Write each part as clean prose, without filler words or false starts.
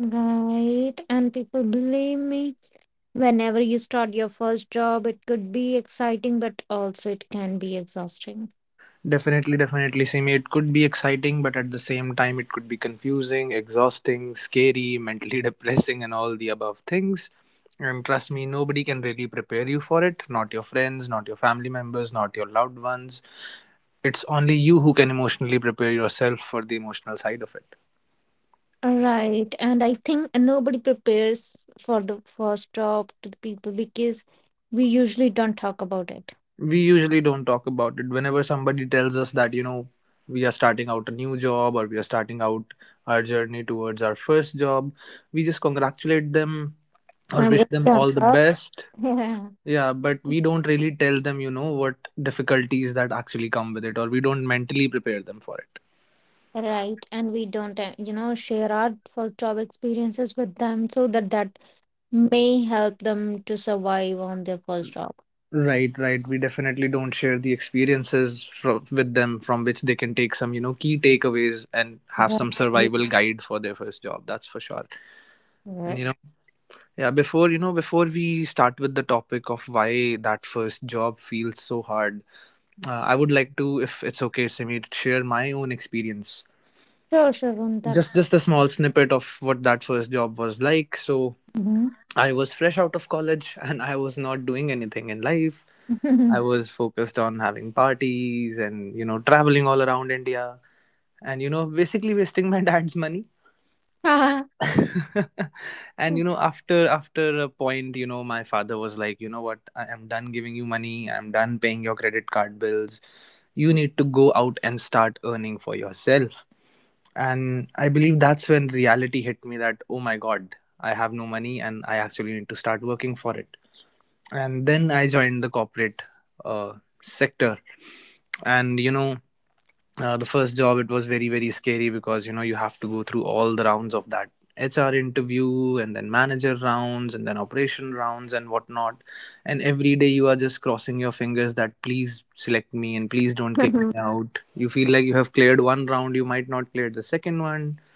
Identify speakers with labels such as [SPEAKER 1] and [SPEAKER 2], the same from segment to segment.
[SPEAKER 1] Right, and people believe me. Whenever you start your first job, it could be exciting, but also it can be exhausting. Right, and I think nobody prepares for the first job to the people because we usually don't talk about it. And we don't talk. Yeah. Right, and we don't, you know, share our first job experiences with them so that may help them to survive on their first job. Right. Yes. Sure, Sharon, that. Mhm.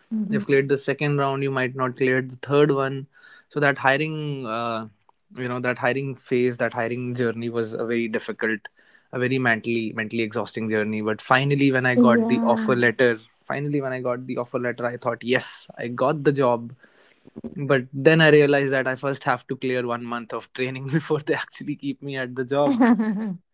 [SPEAKER 1] Mhm. Yeah.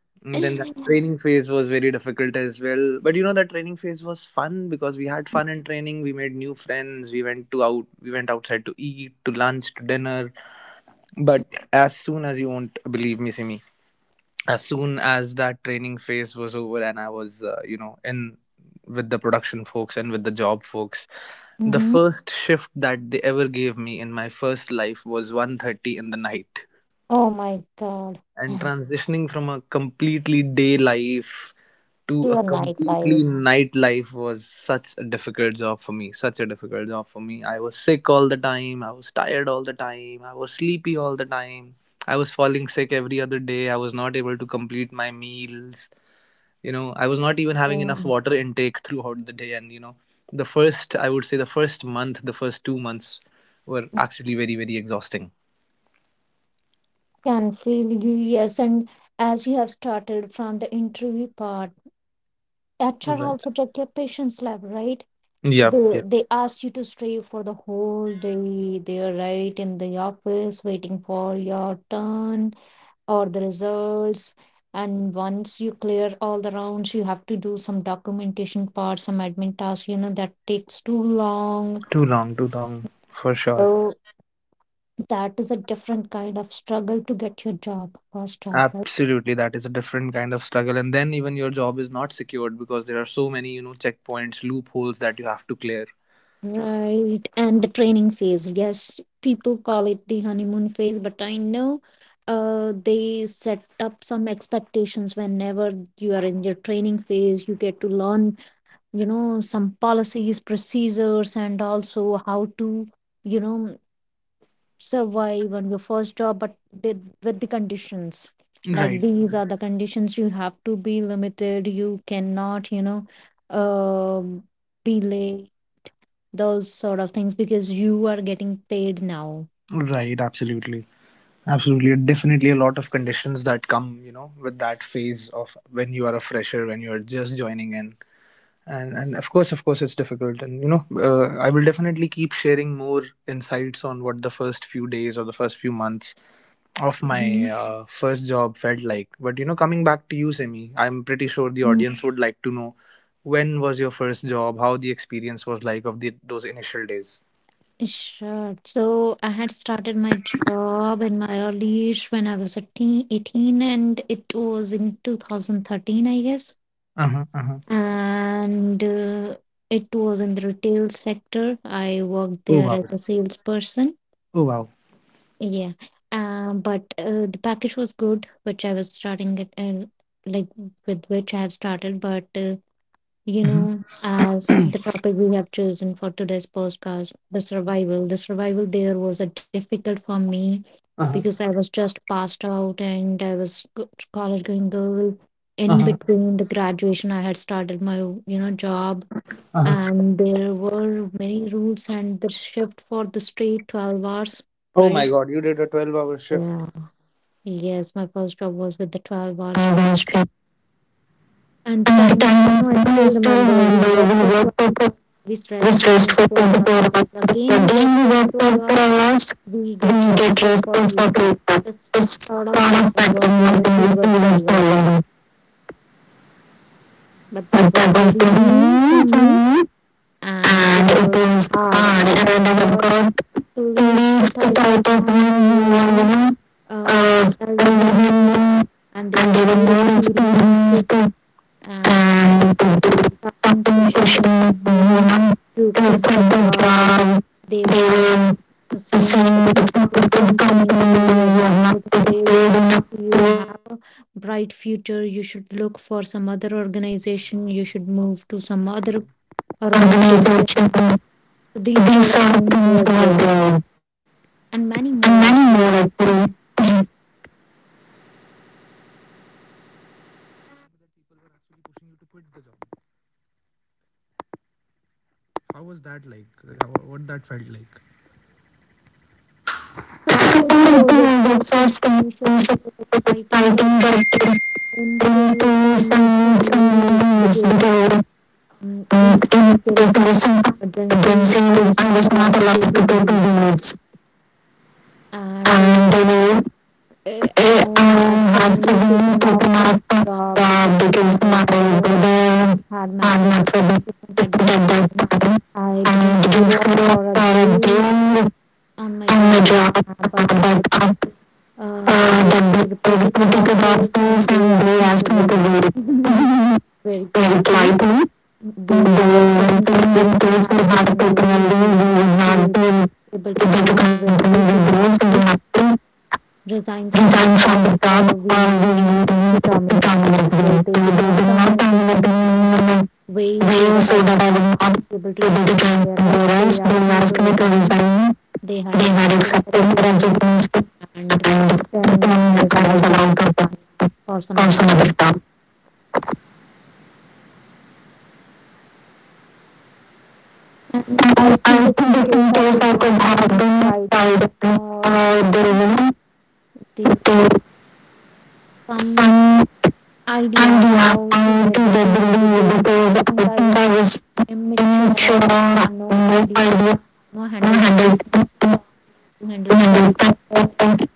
[SPEAKER 1] Mhm. Oh my God, to a nightlife. Mm. Can feel you, yes. And as you have started from the interview part, HR also check your patient's lab, right? They asked you to stay for the whole day. They're right in the office waiting for your turn or the results. And once you clear all the rounds, you have to do some documentation part, some admin tasks, you know, that takes too long. So that is a different kind of struggle to get your job, first job, right? Right. And the training phase. Yes, people call it the honeymoon phase, but I know they set up some expectations whenever you are in your training phase. You get to learn, you know, some policies, procedures, and also how to, you know, survive on your first job, but with the conditions. Like these are the conditions you have to be limited. You cannot, you know, um be late those sort of things because you are getting paid now. Hmm. Sure. So I had started my job in my early when I was eighteen, and it was in 2013, I guess. And it was in the retail sector. I worked there as a salesperson. Yeah. But The package was good, which I was starting at, like with which I have started. But you know, as the topic we have chosen for today's podcast, the survival. The survival there was a difficult for me because I was just passed out and college going girl. In between the graduation, I had started my, you know, job, and there were many rules and the shift for the straight 12 hours, right? Yeah. Yes, my first job was with the 12 hours
[SPEAKER 2] our.
[SPEAKER 1] and the
[SPEAKER 2] And the
[SPEAKER 1] timings, you
[SPEAKER 2] time
[SPEAKER 1] know,
[SPEAKER 2] is
[SPEAKER 1] I
[SPEAKER 2] now,
[SPEAKER 1] still
[SPEAKER 2] I still
[SPEAKER 1] remember we
[SPEAKER 2] remember
[SPEAKER 1] worked
[SPEAKER 2] we
[SPEAKER 1] for
[SPEAKER 2] worked for two-
[SPEAKER 1] we rest
[SPEAKER 2] was
[SPEAKER 1] for
[SPEAKER 2] rest for
[SPEAKER 1] 24 hours.
[SPEAKER 2] 24 hours.
[SPEAKER 1] Then
[SPEAKER 2] But the
[SPEAKER 1] again, we
[SPEAKER 2] day
[SPEAKER 1] work
[SPEAKER 2] we
[SPEAKER 1] for
[SPEAKER 2] work for
[SPEAKER 1] 12 hours.
[SPEAKER 2] 12 hours,
[SPEAKER 1] We get
[SPEAKER 2] we
[SPEAKER 1] rest
[SPEAKER 2] get
[SPEAKER 1] for
[SPEAKER 2] rest for
[SPEAKER 1] 48 hours.
[SPEAKER 2] 48 hours.
[SPEAKER 1] This
[SPEAKER 2] This
[SPEAKER 1] sort of
[SPEAKER 2] of that
[SPEAKER 1] pattern was
[SPEAKER 2] was
[SPEAKER 1] there
[SPEAKER 2] the
[SPEAKER 1] which we
[SPEAKER 2] meeting
[SPEAKER 1] were
[SPEAKER 2] was for
[SPEAKER 1] following.
[SPEAKER 2] long.
[SPEAKER 1] But
[SPEAKER 2] But
[SPEAKER 1] that
[SPEAKER 2] that
[SPEAKER 1] was
[SPEAKER 2] was very
[SPEAKER 1] very
[SPEAKER 2] new
[SPEAKER 1] new
[SPEAKER 2] for
[SPEAKER 1] for
[SPEAKER 2] me.
[SPEAKER 1] me.
[SPEAKER 2] And
[SPEAKER 1] It
[SPEAKER 2] it was
[SPEAKER 1] was hard.
[SPEAKER 2] hard. And I never got 2 weeks
[SPEAKER 1] Colleagues,
[SPEAKER 2] to
[SPEAKER 1] the
[SPEAKER 2] reach the
[SPEAKER 1] type
[SPEAKER 2] type of
[SPEAKER 1] of
[SPEAKER 2] one
[SPEAKER 1] one who were younger
[SPEAKER 2] who are, uh,
[SPEAKER 1] than me,
[SPEAKER 2] and they were
[SPEAKER 1] more
[SPEAKER 2] more experienced.
[SPEAKER 1] experienced,
[SPEAKER 2] They and tapping session
[SPEAKER 1] you know,
[SPEAKER 2] one to
[SPEAKER 1] to
[SPEAKER 2] quit
[SPEAKER 1] quit the
[SPEAKER 2] the
[SPEAKER 1] job.
[SPEAKER 2] job. They
[SPEAKER 1] They were
[SPEAKER 2] were saying that it's not a good
[SPEAKER 1] company,
[SPEAKER 2] company, we
[SPEAKER 1] you
[SPEAKER 2] are
[SPEAKER 1] have
[SPEAKER 2] not getting paid
[SPEAKER 1] paid
[SPEAKER 2] enough
[SPEAKER 1] enough, you
[SPEAKER 2] to.
[SPEAKER 1] have a bright future, you should look for some other organization, you should move to some other organization, so these
[SPEAKER 2] So
[SPEAKER 1] sort
[SPEAKER 2] of
[SPEAKER 1] of
[SPEAKER 2] things
[SPEAKER 1] things
[SPEAKER 2] they
[SPEAKER 1] were
[SPEAKER 2] were
[SPEAKER 1] there
[SPEAKER 2] doing. And
[SPEAKER 1] and
[SPEAKER 2] many
[SPEAKER 1] many more
[SPEAKER 2] more
[SPEAKER 1] actually.
[SPEAKER 2] actually.
[SPEAKER 1] So it
[SPEAKER 2] It
[SPEAKER 1] was
[SPEAKER 2] was
[SPEAKER 1] exhausting,
[SPEAKER 2] exhausting,
[SPEAKER 1] it was
[SPEAKER 2] fighting,
[SPEAKER 1] exciting, but in
[SPEAKER 2] getting into
[SPEAKER 1] case I
[SPEAKER 2] some
[SPEAKER 1] need some leaves
[SPEAKER 2] some
[SPEAKER 1] because
[SPEAKER 2] news. Um,
[SPEAKER 1] in
[SPEAKER 2] in
[SPEAKER 1] case there is some
[SPEAKER 2] comparison to
[SPEAKER 1] family
[SPEAKER 2] the
[SPEAKER 1] emergency
[SPEAKER 2] dancing, room,
[SPEAKER 1] I
[SPEAKER 2] I
[SPEAKER 1] was
[SPEAKER 2] was not
[SPEAKER 1] not allowed
[SPEAKER 2] allowed
[SPEAKER 1] to
[SPEAKER 2] to go
[SPEAKER 1] take
[SPEAKER 2] to the
[SPEAKER 1] leaves.
[SPEAKER 2] woods. And
[SPEAKER 1] And
[SPEAKER 2] they were, I had
[SPEAKER 1] suddenly
[SPEAKER 2] suddenly taken off the
[SPEAKER 1] the
[SPEAKER 2] because my brother had not really put at that time.
[SPEAKER 1] I
[SPEAKER 2] And didn't
[SPEAKER 1] didn't show
[SPEAKER 2] feel like
[SPEAKER 1] up for a day in
[SPEAKER 2] doing on job, but after that the political doctors
[SPEAKER 1] office
[SPEAKER 2] and
[SPEAKER 1] and
[SPEAKER 2] they
[SPEAKER 1] they
[SPEAKER 2] asked
[SPEAKER 1] asked
[SPEAKER 2] me
[SPEAKER 1] me
[SPEAKER 2] to do it very
[SPEAKER 1] quickly.
[SPEAKER 2] politely.
[SPEAKER 1] They were
[SPEAKER 2] They said
[SPEAKER 1] saying in
[SPEAKER 2] in
[SPEAKER 1] case
[SPEAKER 2] case we have to penalty, we will
[SPEAKER 1] you
[SPEAKER 2] not be
[SPEAKER 1] do your
[SPEAKER 2] able to continue with this. We have to resign from the
[SPEAKER 1] job
[SPEAKER 2] job or
[SPEAKER 1] or we need
[SPEAKER 2] we
[SPEAKER 1] to
[SPEAKER 2] become
[SPEAKER 1] terminate you. So they did
[SPEAKER 2] like
[SPEAKER 1] not terminate me
[SPEAKER 2] them.
[SPEAKER 1] way
[SPEAKER 2] So
[SPEAKER 1] so
[SPEAKER 2] they did not terminate me in a way so
[SPEAKER 1] that
[SPEAKER 2] that I
[SPEAKER 1] I
[SPEAKER 2] would not be able to join somewhere else. They
[SPEAKER 1] they asked
[SPEAKER 2] asked me to
[SPEAKER 1] time
[SPEAKER 2] resign. They had accepted my resignation and then I
[SPEAKER 1] then I
[SPEAKER 2] was
[SPEAKER 1] was
[SPEAKER 2] allowed
[SPEAKER 1] allowed
[SPEAKER 2] to
[SPEAKER 1] to.
[SPEAKER 2] apply for some other job. And
[SPEAKER 1] I
[SPEAKER 2] I think
[SPEAKER 1] think if
[SPEAKER 2] that in
[SPEAKER 1] in
[SPEAKER 2] case
[SPEAKER 1] case
[SPEAKER 2] I
[SPEAKER 1] I
[SPEAKER 2] could have been fired
[SPEAKER 1] tried
[SPEAKER 2] or the you know, to some I'm
[SPEAKER 1] idea
[SPEAKER 2] not
[SPEAKER 1] how
[SPEAKER 2] to
[SPEAKER 1] to
[SPEAKER 2] the
[SPEAKER 1] leave
[SPEAKER 2] believe because
[SPEAKER 1] because
[SPEAKER 2] I think I was in sure no idea 100 100 and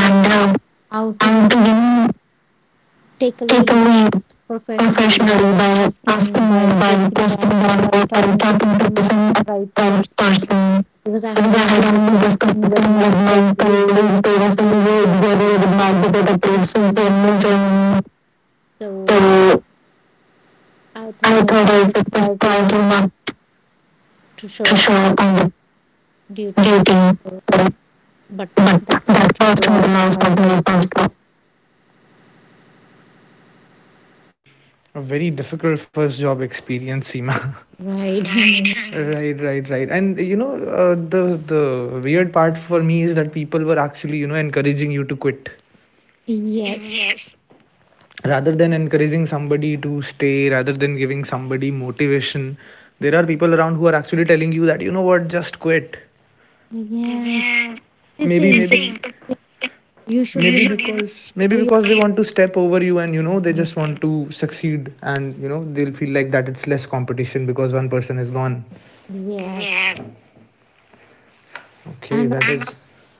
[SPEAKER 2] uh,
[SPEAKER 1] how
[SPEAKER 2] I'm
[SPEAKER 1] to, you know,
[SPEAKER 2] being taken away professionally by
[SPEAKER 1] by
[SPEAKER 2] asking
[SPEAKER 1] asking
[SPEAKER 2] by
[SPEAKER 1] by
[SPEAKER 2] posting or by
[SPEAKER 1] by t-
[SPEAKER 2] talking to
[SPEAKER 1] some,
[SPEAKER 2] person by
[SPEAKER 1] right,
[SPEAKER 2] person because
[SPEAKER 1] because
[SPEAKER 2] I
[SPEAKER 1] I
[SPEAKER 2] had
[SPEAKER 1] had only
[SPEAKER 2] only
[SPEAKER 1] the
[SPEAKER 2] discussed the thing
[SPEAKER 1] thing
[SPEAKER 2] with
[SPEAKER 1] with my
[SPEAKER 2] my
[SPEAKER 1] colleagues, they
[SPEAKER 2] colleagues
[SPEAKER 1] were
[SPEAKER 2] there was
[SPEAKER 1] saying
[SPEAKER 2] some
[SPEAKER 1] you,
[SPEAKER 2] weird very bad that approves and then joining
[SPEAKER 1] so
[SPEAKER 2] so
[SPEAKER 1] I thought
[SPEAKER 2] I thought if it was
[SPEAKER 1] quietly
[SPEAKER 2] quite
[SPEAKER 1] not
[SPEAKER 2] not
[SPEAKER 1] to show
[SPEAKER 2] to
[SPEAKER 1] up
[SPEAKER 2] show up on the
[SPEAKER 1] duty,
[SPEAKER 2] dating, but
[SPEAKER 1] but
[SPEAKER 2] that
[SPEAKER 1] the
[SPEAKER 2] person would
[SPEAKER 1] loss of
[SPEAKER 2] allow
[SPEAKER 1] my
[SPEAKER 2] something else.
[SPEAKER 1] pride. Yes, yes. They say you should, you know, try your, yes. And all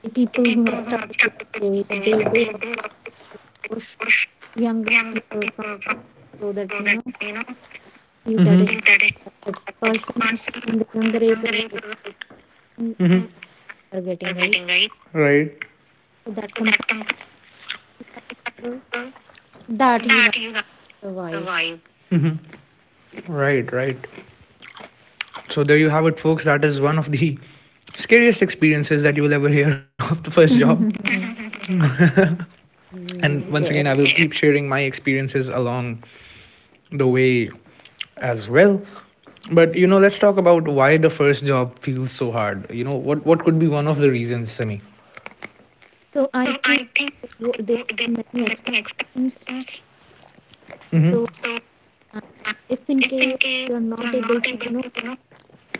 [SPEAKER 1] the people who have stayed, they all push younger people from so that you know if that is person in the younger age they are getting right. So that compare that you have to survive. Yes. So I think there are many exceptions. So if in case you are not able to, you know,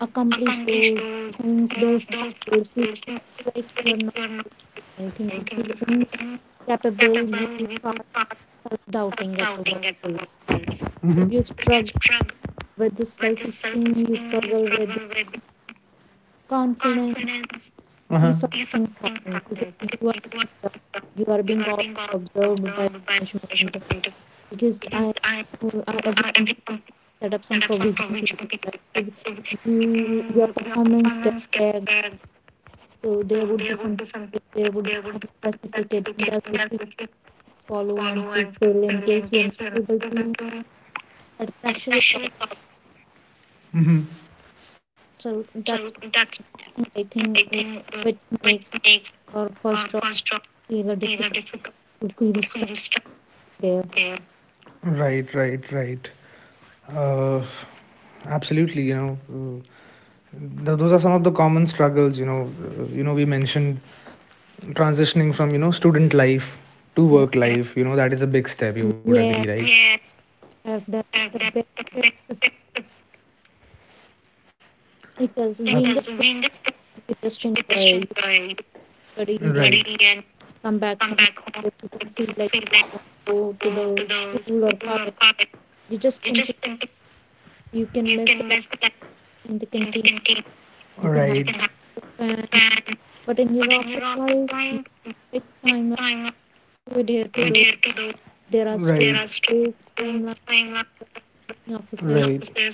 [SPEAKER 1] accomplish those things, those targets, you feel like you are not anything, you feel incapable, you start self-doubting at the workplace, so you struggle with the self-esteem, you struggle with the confidence, things happen because you are being always observed by the management because I every set up some provision so you your performance gets checked. So there would be some targets, there would be some specific agendas we follow and fulfill in case we are not able to. That pressure is also that's something I think which makes our first job feel a difficult feels there, you know. Yeah, that's the best because we in this we just enjoy. You study and come back office. You don't feel like go to the school or college. You just simply you can miss in the canteen. You can have friends, but in your office life, time. Like, we're here to the. There are strokes, timeline, many officers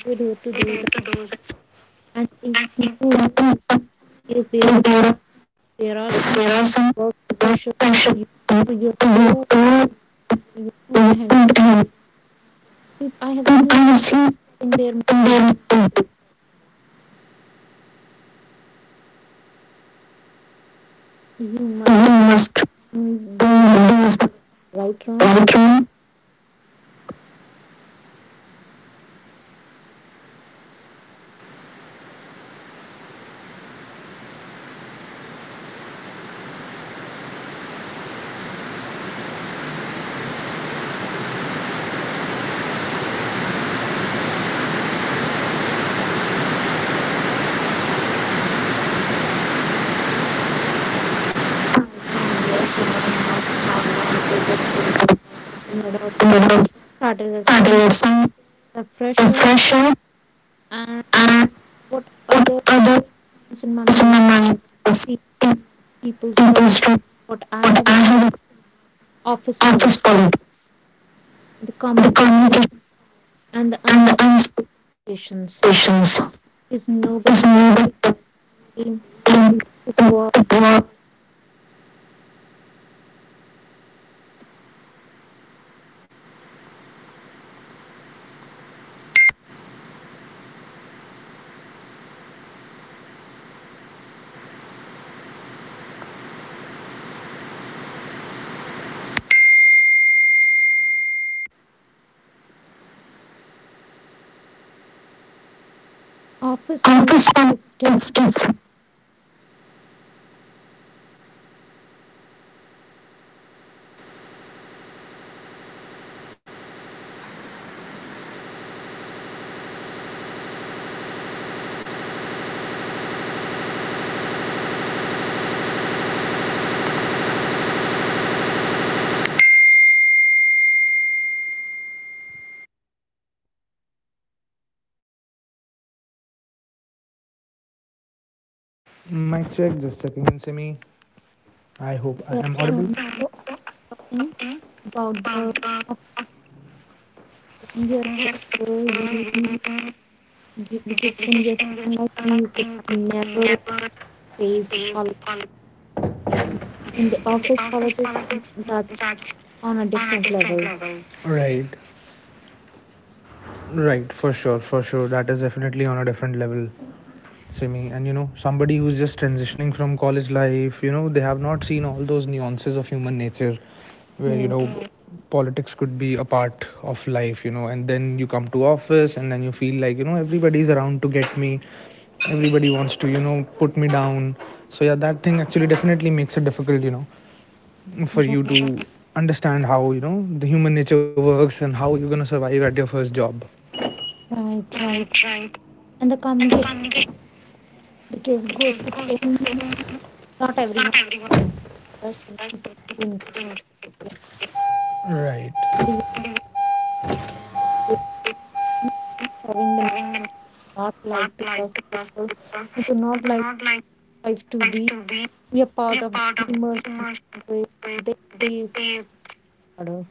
[SPEAKER 1] would adhere to those. And in news,
[SPEAKER 2] So
[SPEAKER 1] yes,
[SPEAKER 2] there,
[SPEAKER 1] there are some
[SPEAKER 2] there are
[SPEAKER 1] work
[SPEAKER 2] some
[SPEAKER 1] pressure.
[SPEAKER 2] pressure to
[SPEAKER 1] You're slow,
[SPEAKER 2] to to
[SPEAKER 1] you don't handle
[SPEAKER 2] to to
[SPEAKER 1] I have
[SPEAKER 2] I
[SPEAKER 1] seen
[SPEAKER 2] see
[SPEAKER 1] in their
[SPEAKER 2] there
[SPEAKER 1] movie,
[SPEAKER 2] you
[SPEAKER 1] you must
[SPEAKER 2] must you
[SPEAKER 1] train these
[SPEAKER 2] must walk in without
[SPEAKER 1] there are
[SPEAKER 2] starting
[SPEAKER 1] some
[SPEAKER 2] some
[SPEAKER 1] the fresher
[SPEAKER 2] pressure
[SPEAKER 1] and
[SPEAKER 2] and
[SPEAKER 1] what
[SPEAKER 2] put
[SPEAKER 1] other
[SPEAKER 2] other
[SPEAKER 1] comes in my
[SPEAKER 2] is my
[SPEAKER 1] mind
[SPEAKER 2] mind is
[SPEAKER 1] the
[SPEAKER 2] pe-
[SPEAKER 1] people's
[SPEAKER 2] people's truth.
[SPEAKER 1] what I
[SPEAKER 2] But I
[SPEAKER 1] have,
[SPEAKER 2] have
[SPEAKER 1] office
[SPEAKER 2] office
[SPEAKER 1] politics,
[SPEAKER 2] bullied.
[SPEAKER 1] the
[SPEAKER 2] The
[SPEAKER 1] communication
[SPEAKER 2] communication
[SPEAKER 1] and the
[SPEAKER 2] and the
[SPEAKER 1] unspokations
[SPEAKER 2] expectations
[SPEAKER 1] is
[SPEAKER 2] is
[SPEAKER 1] nobody
[SPEAKER 2] needed to
[SPEAKER 1] going
[SPEAKER 2] link
[SPEAKER 1] to work.
[SPEAKER 2] the poor.
[SPEAKER 1] Office
[SPEAKER 2] Office bullied
[SPEAKER 1] politics
[SPEAKER 2] is different.
[SPEAKER 1] different from talking about the in your pressure you because in your student life you could have never faced the politics in the office politics that's on a different level, right? Right, right, and the communication because gossiping not everyone does, some people who enjoy the having the not like to gossip, people who do not like life to be a part of the humors way they they part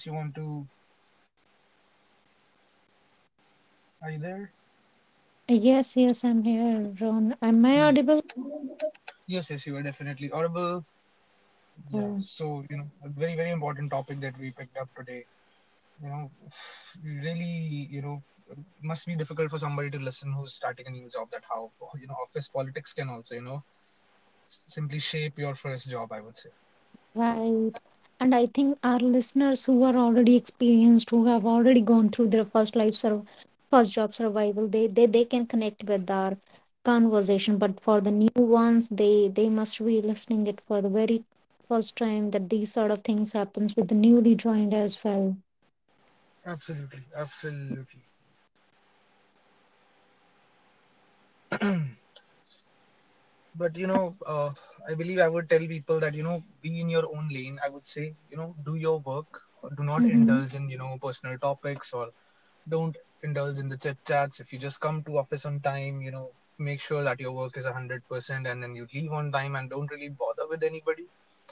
[SPEAKER 3] Else you want to? Are you there?
[SPEAKER 1] of. Yes, yes, I'm here. Ron, am I audible?
[SPEAKER 3] Yes, yes, you are definitely audible. Yeah,
[SPEAKER 1] Uh,
[SPEAKER 3] so a very, very important topic that we picked up today. You know, really, you know, must be difficult for somebody to listen who's starting a new job. That how office politics can also simply shape your first job, I would say.
[SPEAKER 1] Right. And I think our listeners who are already experienced, who have already gone through their first job survival, they can connect with our conversation. But for the new ones, they must be listening it for the very first time that these sort of things happens with the newly joined as well.
[SPEAKER 3] Absolutely, absolutely. But I believe I would tell people that be in your own lane. I would say, do your work. Do not
[SPEAKER 1] Mm-hmm.
[SPEAKER 3] indulge in personal topics, or don't indulge in the chit chats. If you just come to office on time, make sure that your work is 100%, and then you leave on time and don't really bother with anybody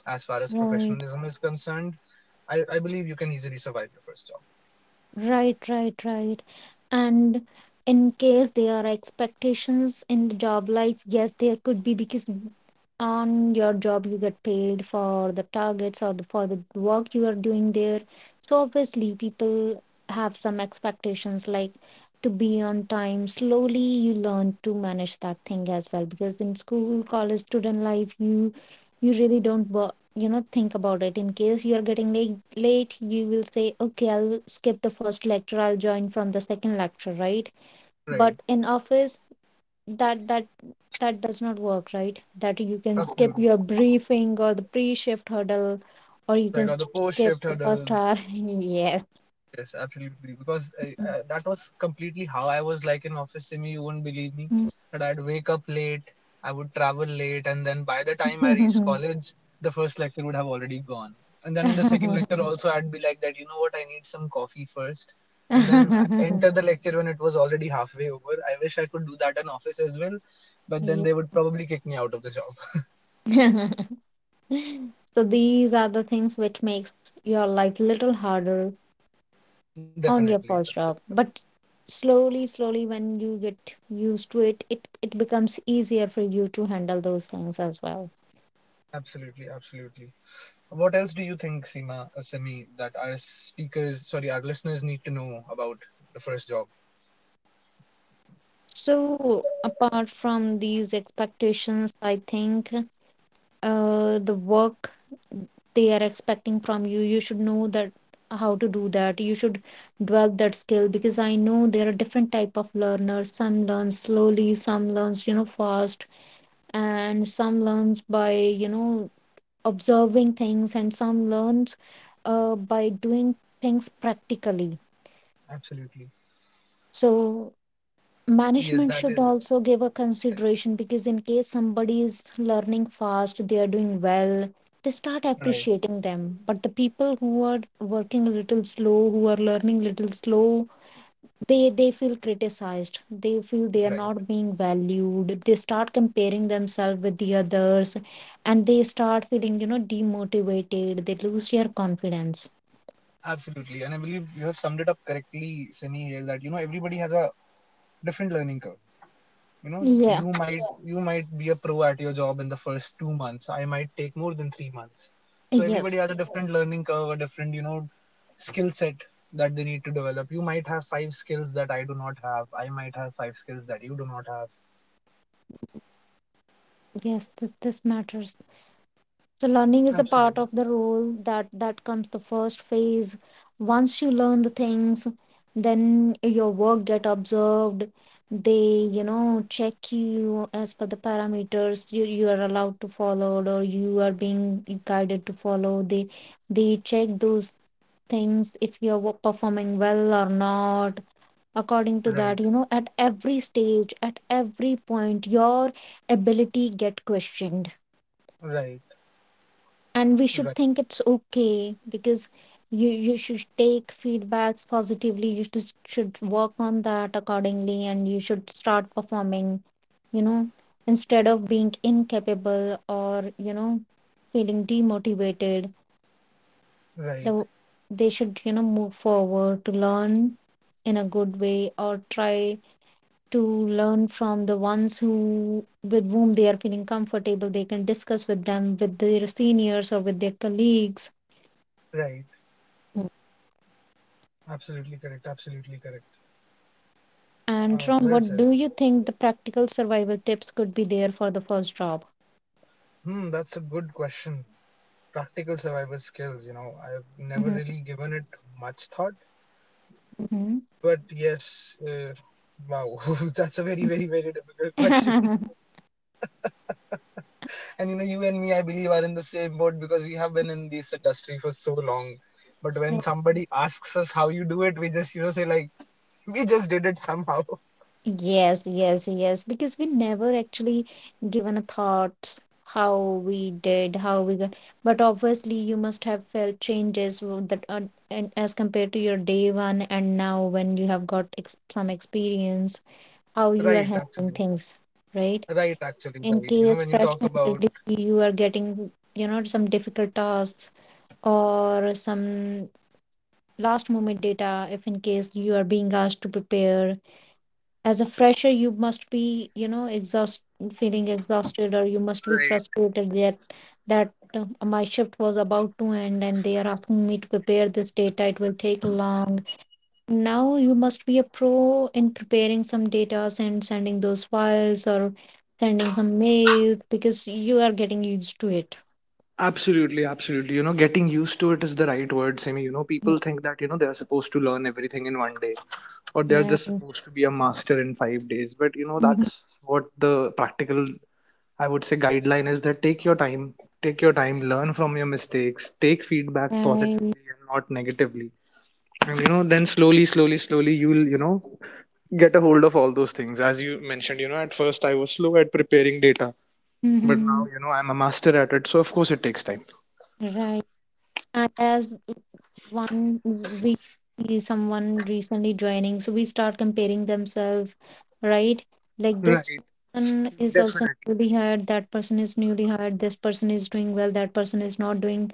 [SPEAKER 3] as far as
[SPEAKER 1] Right.
[SPEAKER 3] professionalism is concerned. I believe you can easily survive your first job.
[SPEAKER 1] Right, right, right. And in case there are expectations in the job life, yes, there could be because on your job you get paid for the targets or for the work you are doing there. So obviously people have some expectations like to be on time. Slowly you learn to manage that thing as well because in school, college, student life, you really don't work, you know, think about it in case you are getting late you will say okay I'll skip the first lecture I'll join from the second lecture, right?
[SPEAKER 3] Right,
[SPEAKER 1] But in office, that that that does not work, right? That you can skip
[SPEAKER 3] absolutely.
[SPEAKER 1] your briefing or the pre-shift hurdle or you can
[SPEAKER 3] Right, or
[SPEAKER 1] s-
[SPEAKER 3] the post
[SPEAKER 1] skip
[SPEAKER 3] shift
[SPEAKER 1] the first hour.
[SPEAKER 3] hurdles.
[SPEAKER 1] Yes.
[SPEAKER 3] Yes, absolutely. Because I, that was completely how I was like in office, Simi. You wouldn't believe me that I'd wake up late, I would travel late, and then by the time I reached college, the first lecture would have already gone. And then in the second lecture also, I'd be like, that you know what? I need some coffee first, and then I enter the lecture when it was already halfway over. I wish I could do that in office as well, but then
[SPEAKER 1] Yeah.
[SPEAKER 3] they would probably kick me out of the job.
[SPEAKER 1] So these are the things which makes your life little harder on your
[SPEAKER 3] Definitely,
[SPEAKER 1] first job, but slowly slowly when you get used to it it becomes easier for you to handle those things as well.
[SPEAKER 3] absolutely, absolutely. What else do you think, Seema, Semi, that our speakers, sorry, our listeners need to know about the first job?
[SPEAKER 1] So apart from these expectations I think the work they are expecting from you you should know that how to do that, you should develop that skill because I know there are different type of learners, some learn slowly, some learns, you know, fast, and some learns by, you know, observing things, and some learns by doing things practically.
[SPEAKER 3] Absolutely.
[SPEAKER 1] So
[SPEAKER 3] Yes,
[SPEAKER 1] management
[SPEAKER 3] that
[SPEAKER 1] should
[SPEAKER 3] is
[SPEAKER 1] also give a consideration because in case somebody is learning fast they are doing well, they start
[SPEAKER 3] right,
[SPEAKER 1] appreciating them, but the people who are working a little slow, who are learning little slow, they feel criticized, they feel they are
[SPEAKER 3] right,
[SPEAKER 1] not being valued, they start comparing themselves with the others, and they start feeling, you know, demotivated, they lose their confidence.
[SPEAKER 3] absolutely. And I believe you have summed it up correctly, Simi, here, that everybody has a different learning curve. You know,
[SPEAKER 1] Yeah.
[SPEAKER 3] you might you might be a pro at your job in the first 2 months. I might take more than 3 months. So
[SPEAKER 1] Yes.
[SPEAKER 3] everybody has a different learning curve, a different skill set that they need to develop. You might have 5 skills that I do not have. I might have 5 skills that you do not have.
[SPEAKER 1] This matters. So learning is a part
[SPEAKER 3] Absolutely.
[SPEAKER 1] of the role that comes the first phase. Once you learn the things, then your work get observed. They, you know, check you as per the parameters you are allowed to follow or you are being guided to follow. They check those things if you are performing well or not. According to
[SPEAKER 3] Right.
[SPEAKER 1] that, at every stage, at every point, your ability get questioned,
[SPEAKER 3] Right.
[SPEAKER 1] and we should
[SPEAKER 3] Right.
[SPEAKER 1] think it's okay because you should take feedbacks positively. You just should work on that accordingly, and you should start performing you know instead of being incapable or feeling demotivated.
[SPEAKER 3] Right.
[SPEAKER 1] the, they should move forward to learn in a good way, or try to learn from the ones who with whom they are feeling comfortable. They can discuss with them, with their seniors or with their colleagues.
[SPEAKER 3] Right. Absolutely correct, absolutely correct.
[SPEAKER 1] And Ron,
[SPEAKER 3] Well
[SPEAKER 1] what
[SPEAKER 3] said.
[SPEAKER 1] do you think the practical survival tips could be there for the first job?
[SPEAKER 3] Hmm, that's a good question. Practical survival skills. You know, I've never
[SPEAKER 1] Mhm,
[SPEAKER 3] really given it much thought,
[SPEAKER 1] mhm.
[SPEAKER 3] but yes. Wow. That's a very difficult question.
[SPEAKER 1] Mhm.
[SPEAKER 3] And you know, you and me, I believe, are in the same boat because we have been in this industry for so long. But when
[SPEAKER 1] Right.
[SPEAKER 3] somebody asks us how you do it, we just, you know, say like, we just did it somehow.
[SPEAKER 1] Yes, yes, yes. Because we never actually given a thought how we did, how we got. But obviously, you must have felt changes that are, and as compared to your day one and now when you have got ex some experience, how you are
[SPEAKER 3] Right,
[SPEAKER 1] handling
[SPEAKER 3] absolutely.
[SPEAKER 1] things, right?
[SPEAKER 3] Right, actually,
[SPEAKER 1] In
[SPEAKER 3] right. You know,
[SPEAKER 1] case
[SPEAKER 3] when you
[SPEAKER 1] fresh
[SPEAKER 3] talk about
[SPEAKER 1] handed, you are getting, some difficult tasks, or some last moment data if in case you are being asked to prepare. As a fresher, you must be exhaust feeling exhausted, or you must be
[SPEAKER 2] Right.
[SPEAKER 1] frustrated that my shift was about to end and they are asking me to prepare this data. It will take long. Now you must be a pro in preparing some data and sending those files, or sending some mails, because you are getting used to it.
[SPEAKER 2] Absolutely, absolutely. You know, getting used to it is the right word, Simi. You know, people think that, you know, they're supposed to learn everything in one day or they're
[SPEAKER 1] Mm,
[SPEAKER 2] just
[SPEAKER 1] right.
[SPEAKER 2] supposed to be a master in 5 days. But, you know,
[SPEAKER 1] Mhm.
[SPEAKER 2] that's what the practical, I would say, guideline is that take your time, learn from your mistakes, take feedback
[SPEAKER 1] Right.
[SPEAKER 2] positively and not negatively. And, you know, then slowly, slowly, slowly, you'll, you know, get a hold of all those things. As you mentioned, you know, at first I was slow at preparing data. But now,
[SPEAKER 1] Mhm.
[SPEAKER 2] you know, I'm a master at it, so of course it takes time.
[SPEAKER 1] Right. And as one, we see someone recently joining, so we start comparing themselves, right? Like this
[SPEAKER 2] Right.
[SPEAKER 1] person is also
[SPEAKER 2] Definitely.
[SPEAKER 1] newly hired, that person is newly hired, this person is doing well, that person is not doing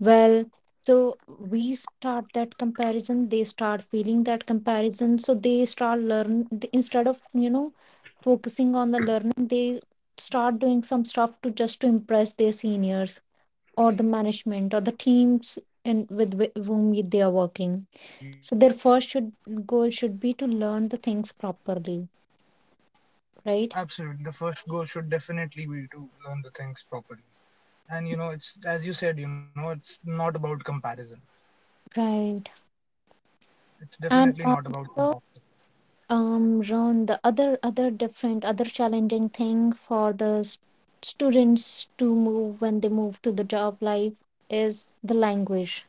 [SPEAKER 1] well. So we start that comparison, they start feeling that comparison, so they start instead of, focusing on the learning, they start doing some stuff to just to impress their seniors, or the management, or the teams in with whom they are working. So their first should goal should be to learn the things properly, right?
[SPEAKER 2] Absolutely. The first goal should definitely be to learn the things properly. And you know, it's as you said, you know, it's not about comparison.
[SPEAKER 1] Right.
[SPEAKER 2] It's
[SPEAKER 1] And
[SPEAKER 2] definitely not about
[SPEAKER 1] also,
[SPEAKER 2] comparison.
[SPEAKER 1] Ron, the other challenging thing for the students to move when they move to the job life is the language.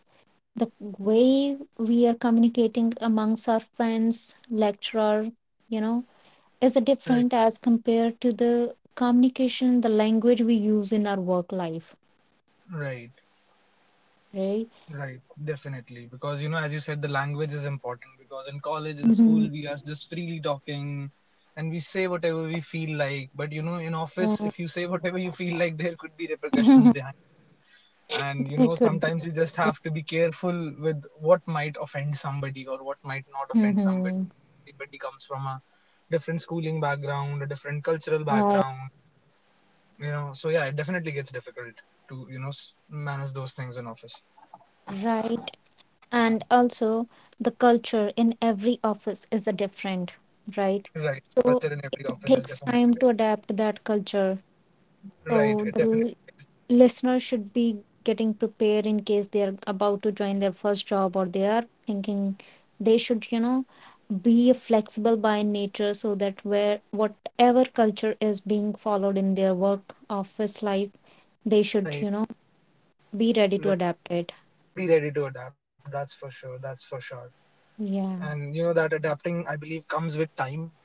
[SPEAKER 1] The way we are communicating amongst our friends, lecturer, you know, is different
[SPEAKER 2] Right,
[SPEAKER 1] as compared to the communication, the language we use in our work life,
[SPEAKER 2] right,
[SPEAKER 1] right?
[SPEAKER 2] right. Definitely. Because you know, as you said, the language is important because in college and
[SPEAKER 1] Mm-hmm.
[SPEAKER 2] school we are just freely talking and we say whatever we feel like. But you know, in
[SPEAKER 1] Yeah.
[SPEAKER 2] office if you say whatever you feel like there could be repercussions behind, and
[SPEAKER 1] It
[SPEAKER 2] you
[SPEAKER 1] could
[SPEAKER 2] know
[SPEAKER 1] be.
[SPEAKER 2] sometimes you just have to be careful with what might offend somebody or what might not offend
[SPEAKER 1] Mm-hmm.
[SPEAKER 2] somebody. Everybody comes from a different schooling background, a different cultural
[SPEAKER 1] Right.
[SPEAKER 2] background, you know, so yeah it definitely gets difficult to you know manage those things in office.
[SPEAKER 1] Right. And also, the culture in every office is a different, right?
[SPEAKER 2] Right
[SPEAKER 1] So
[SPEAKER 2] culture in
[SPEAKER 1] it
[SPEAKER 2] every office
[SPEAKER 1] takes
[SPEAKER 2] is
[SPEAKER 1] time to
[SPEAKER 2] definitely
[SPEAKER 1] adapt that culture. So
[SPEAKER 2] right it
[SPEAKER 1] the
[SPEAKER 2] definitely is.
[SPEAKER 1] listeners should be getting prepared in case they are about to join their first job, or they are thinking. They should be flexible by nature, so that where whatever culture is being followed in their work office life, they should
[SPEAKER 2] Right,
[SPEAKER 1] be ready to
[SPEAKER 2] right,
[SPEAKER 1] adapt it.
[SPEAKER 2] be ready to adapt, that's for sure, that's for sure.
[SPEAKER 1] Yeah.
[SPEAKER 2] And you know that adapting I believe comes with time,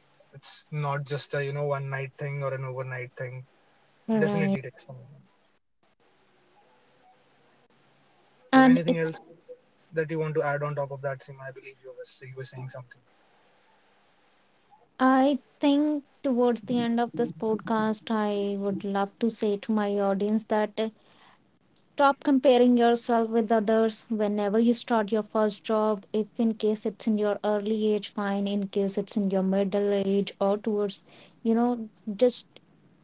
[SPEAKER 2] it's not just a you know one night thing or an overnight thing.
[SPEAKER 1] Right.
[SPEAKER 2] Definitely text them.
[SPEAKER 1] and
[SPEAKER 2] So
[SPEAKER 1] it's
[SPEAKER 2] anything else that you want to add on top of that, Sim? I believe you was you were saying something.
[SPEAKER 1] I think towards the end of this podcast I would love to say to my audience that: stop comparing yourself with others whenever you start your first job. If in case it's in your early age, fine; in case it's in your middle age or towards, just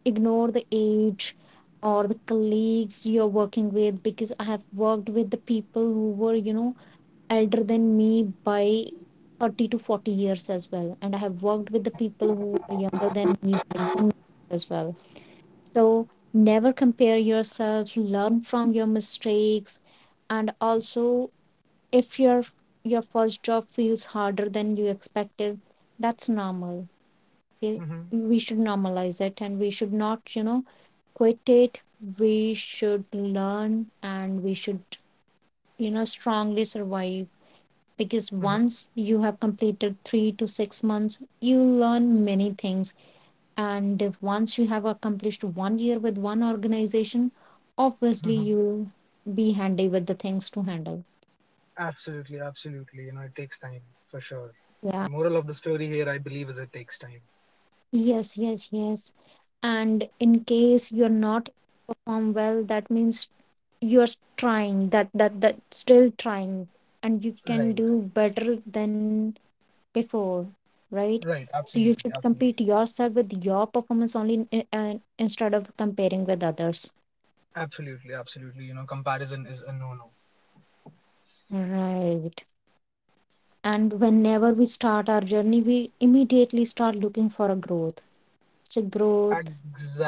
[SPEAKER 1] ignore the age or the colleagues you're working with, because I have worked with the people who were, elder than me by 30 to 40 years as well. And I have worked with the people who were younger than me by 10 years as well. So never compare yourself, learn from your mistakes. And also, if your first job feels harder than you expected, that's normal. Okay?
[SPEAKER 2] Mm-hmm,
[SPEAKER 1] We should normalize it and we should not, quit it. We should learn, and we should, strongly survive. Because
[SPEAKER 2] mm-hmm,
[SPEAKER 1] once you have completed 3 to 6 months, you learn many things, and if once you have accomplished one year with one organization, obviously
[SPEAKER 2] mm-hmm.
[SPEAKER 1] you'll be handy with the things to handle.
[SPEAKER 2] Absolutely, absolutely. You know, it takes time for sure.
[SPEAKER 1] Yeah.
[SPEAKER 2] Moral of the story here, I believe, is it takes time.
[SPEAKER 1] Yes, yes, yes. And in case you're not perform well, that means you're trying, that still trying, and you can do
[SPEAKER 2] Right,
[SPEAKER 1] better than before, right? So you
[SPEAKER 2] right.
[SPEAKER 1] should
[SPEAKER 2] Absolutely,
[SPEAKER 1] compete
[SPEAKER 2] absolutely,
[SPEAKER 1] yourself with your performance only, instead of comparing with others.
[SPEAKER 2] absolutely, absolutely. You know, comparison is a no-no.
[SPEAKER 1] Right. And whenever we start our journey, we immediately start looking for a growth. So growth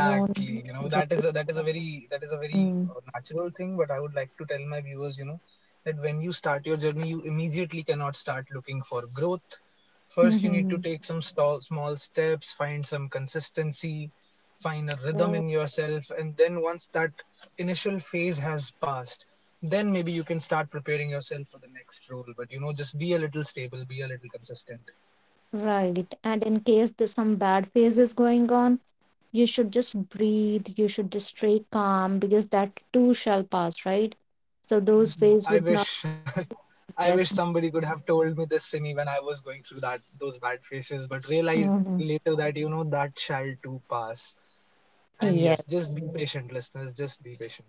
[SPEAKER 1] wrong,
[SPEAKER 2] You know,
[SPEAKER 1] right.
[SPEAKER 2] that is a very that is a
[SPEAKER 1] Mm.
[SPEAKER 2] very natural thing. But I would like to tell my viewers, you know, that when you start your journey, you immediately cannot start looking for growth. First, you
[SPEAKER 1] Hmm.
[SPEAKER 2] need to take some stall, small steps, find some consistency, find a
[SPEAKER 1] Right.
[SPEAKER 2] rhythm in yourself, and then once that initial phase has passed, then maybe you can start preparing yourself for the next role. But you know, just be a little stable, be a little consistent.
[SPEAKER 1] Right. And in case there's some bad phase is going on, you should just breathe. You should just stay calm, because that too shall pass, right? So those phase would
[SPEAKER 2] I
[SPEAKER 1] not.
[SPEAKER 2] wish I
[SPEAKER 1] Yes.
[SPEAKER 2] wish somebody could have told me this, Simi, when I was going through that those bad phases, but realize
[SPEAKER 1] Mm-hmm.
[SPEAKER 2] that you know that shall too pass. And yes, just be patient, listeners. Just be patient.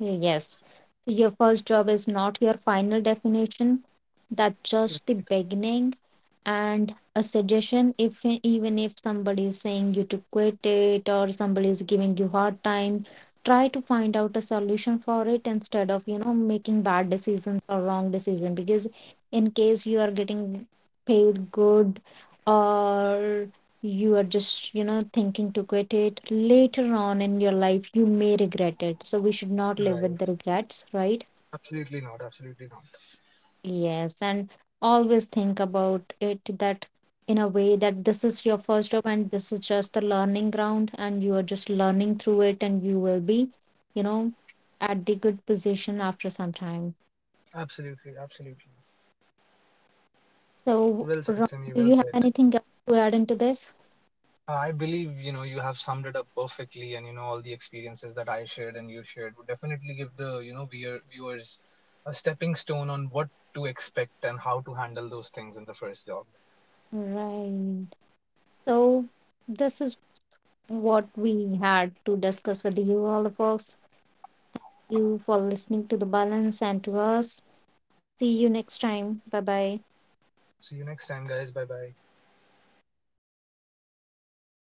[SPEAKER 1] Yes. So your first job is not your final definition. That's just the beginning. And a suggestion: if even if somebody is saying you to quit it, or somebody is giving you hard time, try to find out a solution for it instead of, making bad decisions or wrong decision. Because in case you are getting paid good, or you are just thinking to quit it, later on in your life you may regret it. So we should not live with the
[SPEAKER 2] Right.
[SPEAKER 1] regrets, right?
[SPEAKER 2] Absolutely not. Absolutely not.
[SPEAKER 1] Yes. And always think about it, that in a way that this is your first job, and this is just the learning ground and you are just learning through it, and you will be, you know at the good position after some time.
[SPEAKER 2] Absolutely. Absolutely.
[SPEAKER 1] So
[SPEAKER 2] Well said,
[SPEAKER 1] Ron,
[SPEAKER 2] Simi.
[SPEAKER 1] do
[SPEAKER 2] Well
[SPEAKER 1] you have
[SPEAKER 2] said.
[SPEAKER 1] anything else to add into this?
[SPEAKER 2] I believe you know you have summed it up perfectly, and you know all the experiences that I shared and you shared would definitely give the you know viewers a stepping stone on what to expect and how to handle those things in the first job.
[SPEAKER 1] Right. So this is what we had to discuss with you, all the folks. You for listening to the balance and to us. See you next time. Bye bye.
[SPEAKER 2] See you next time, guys. Bye bye.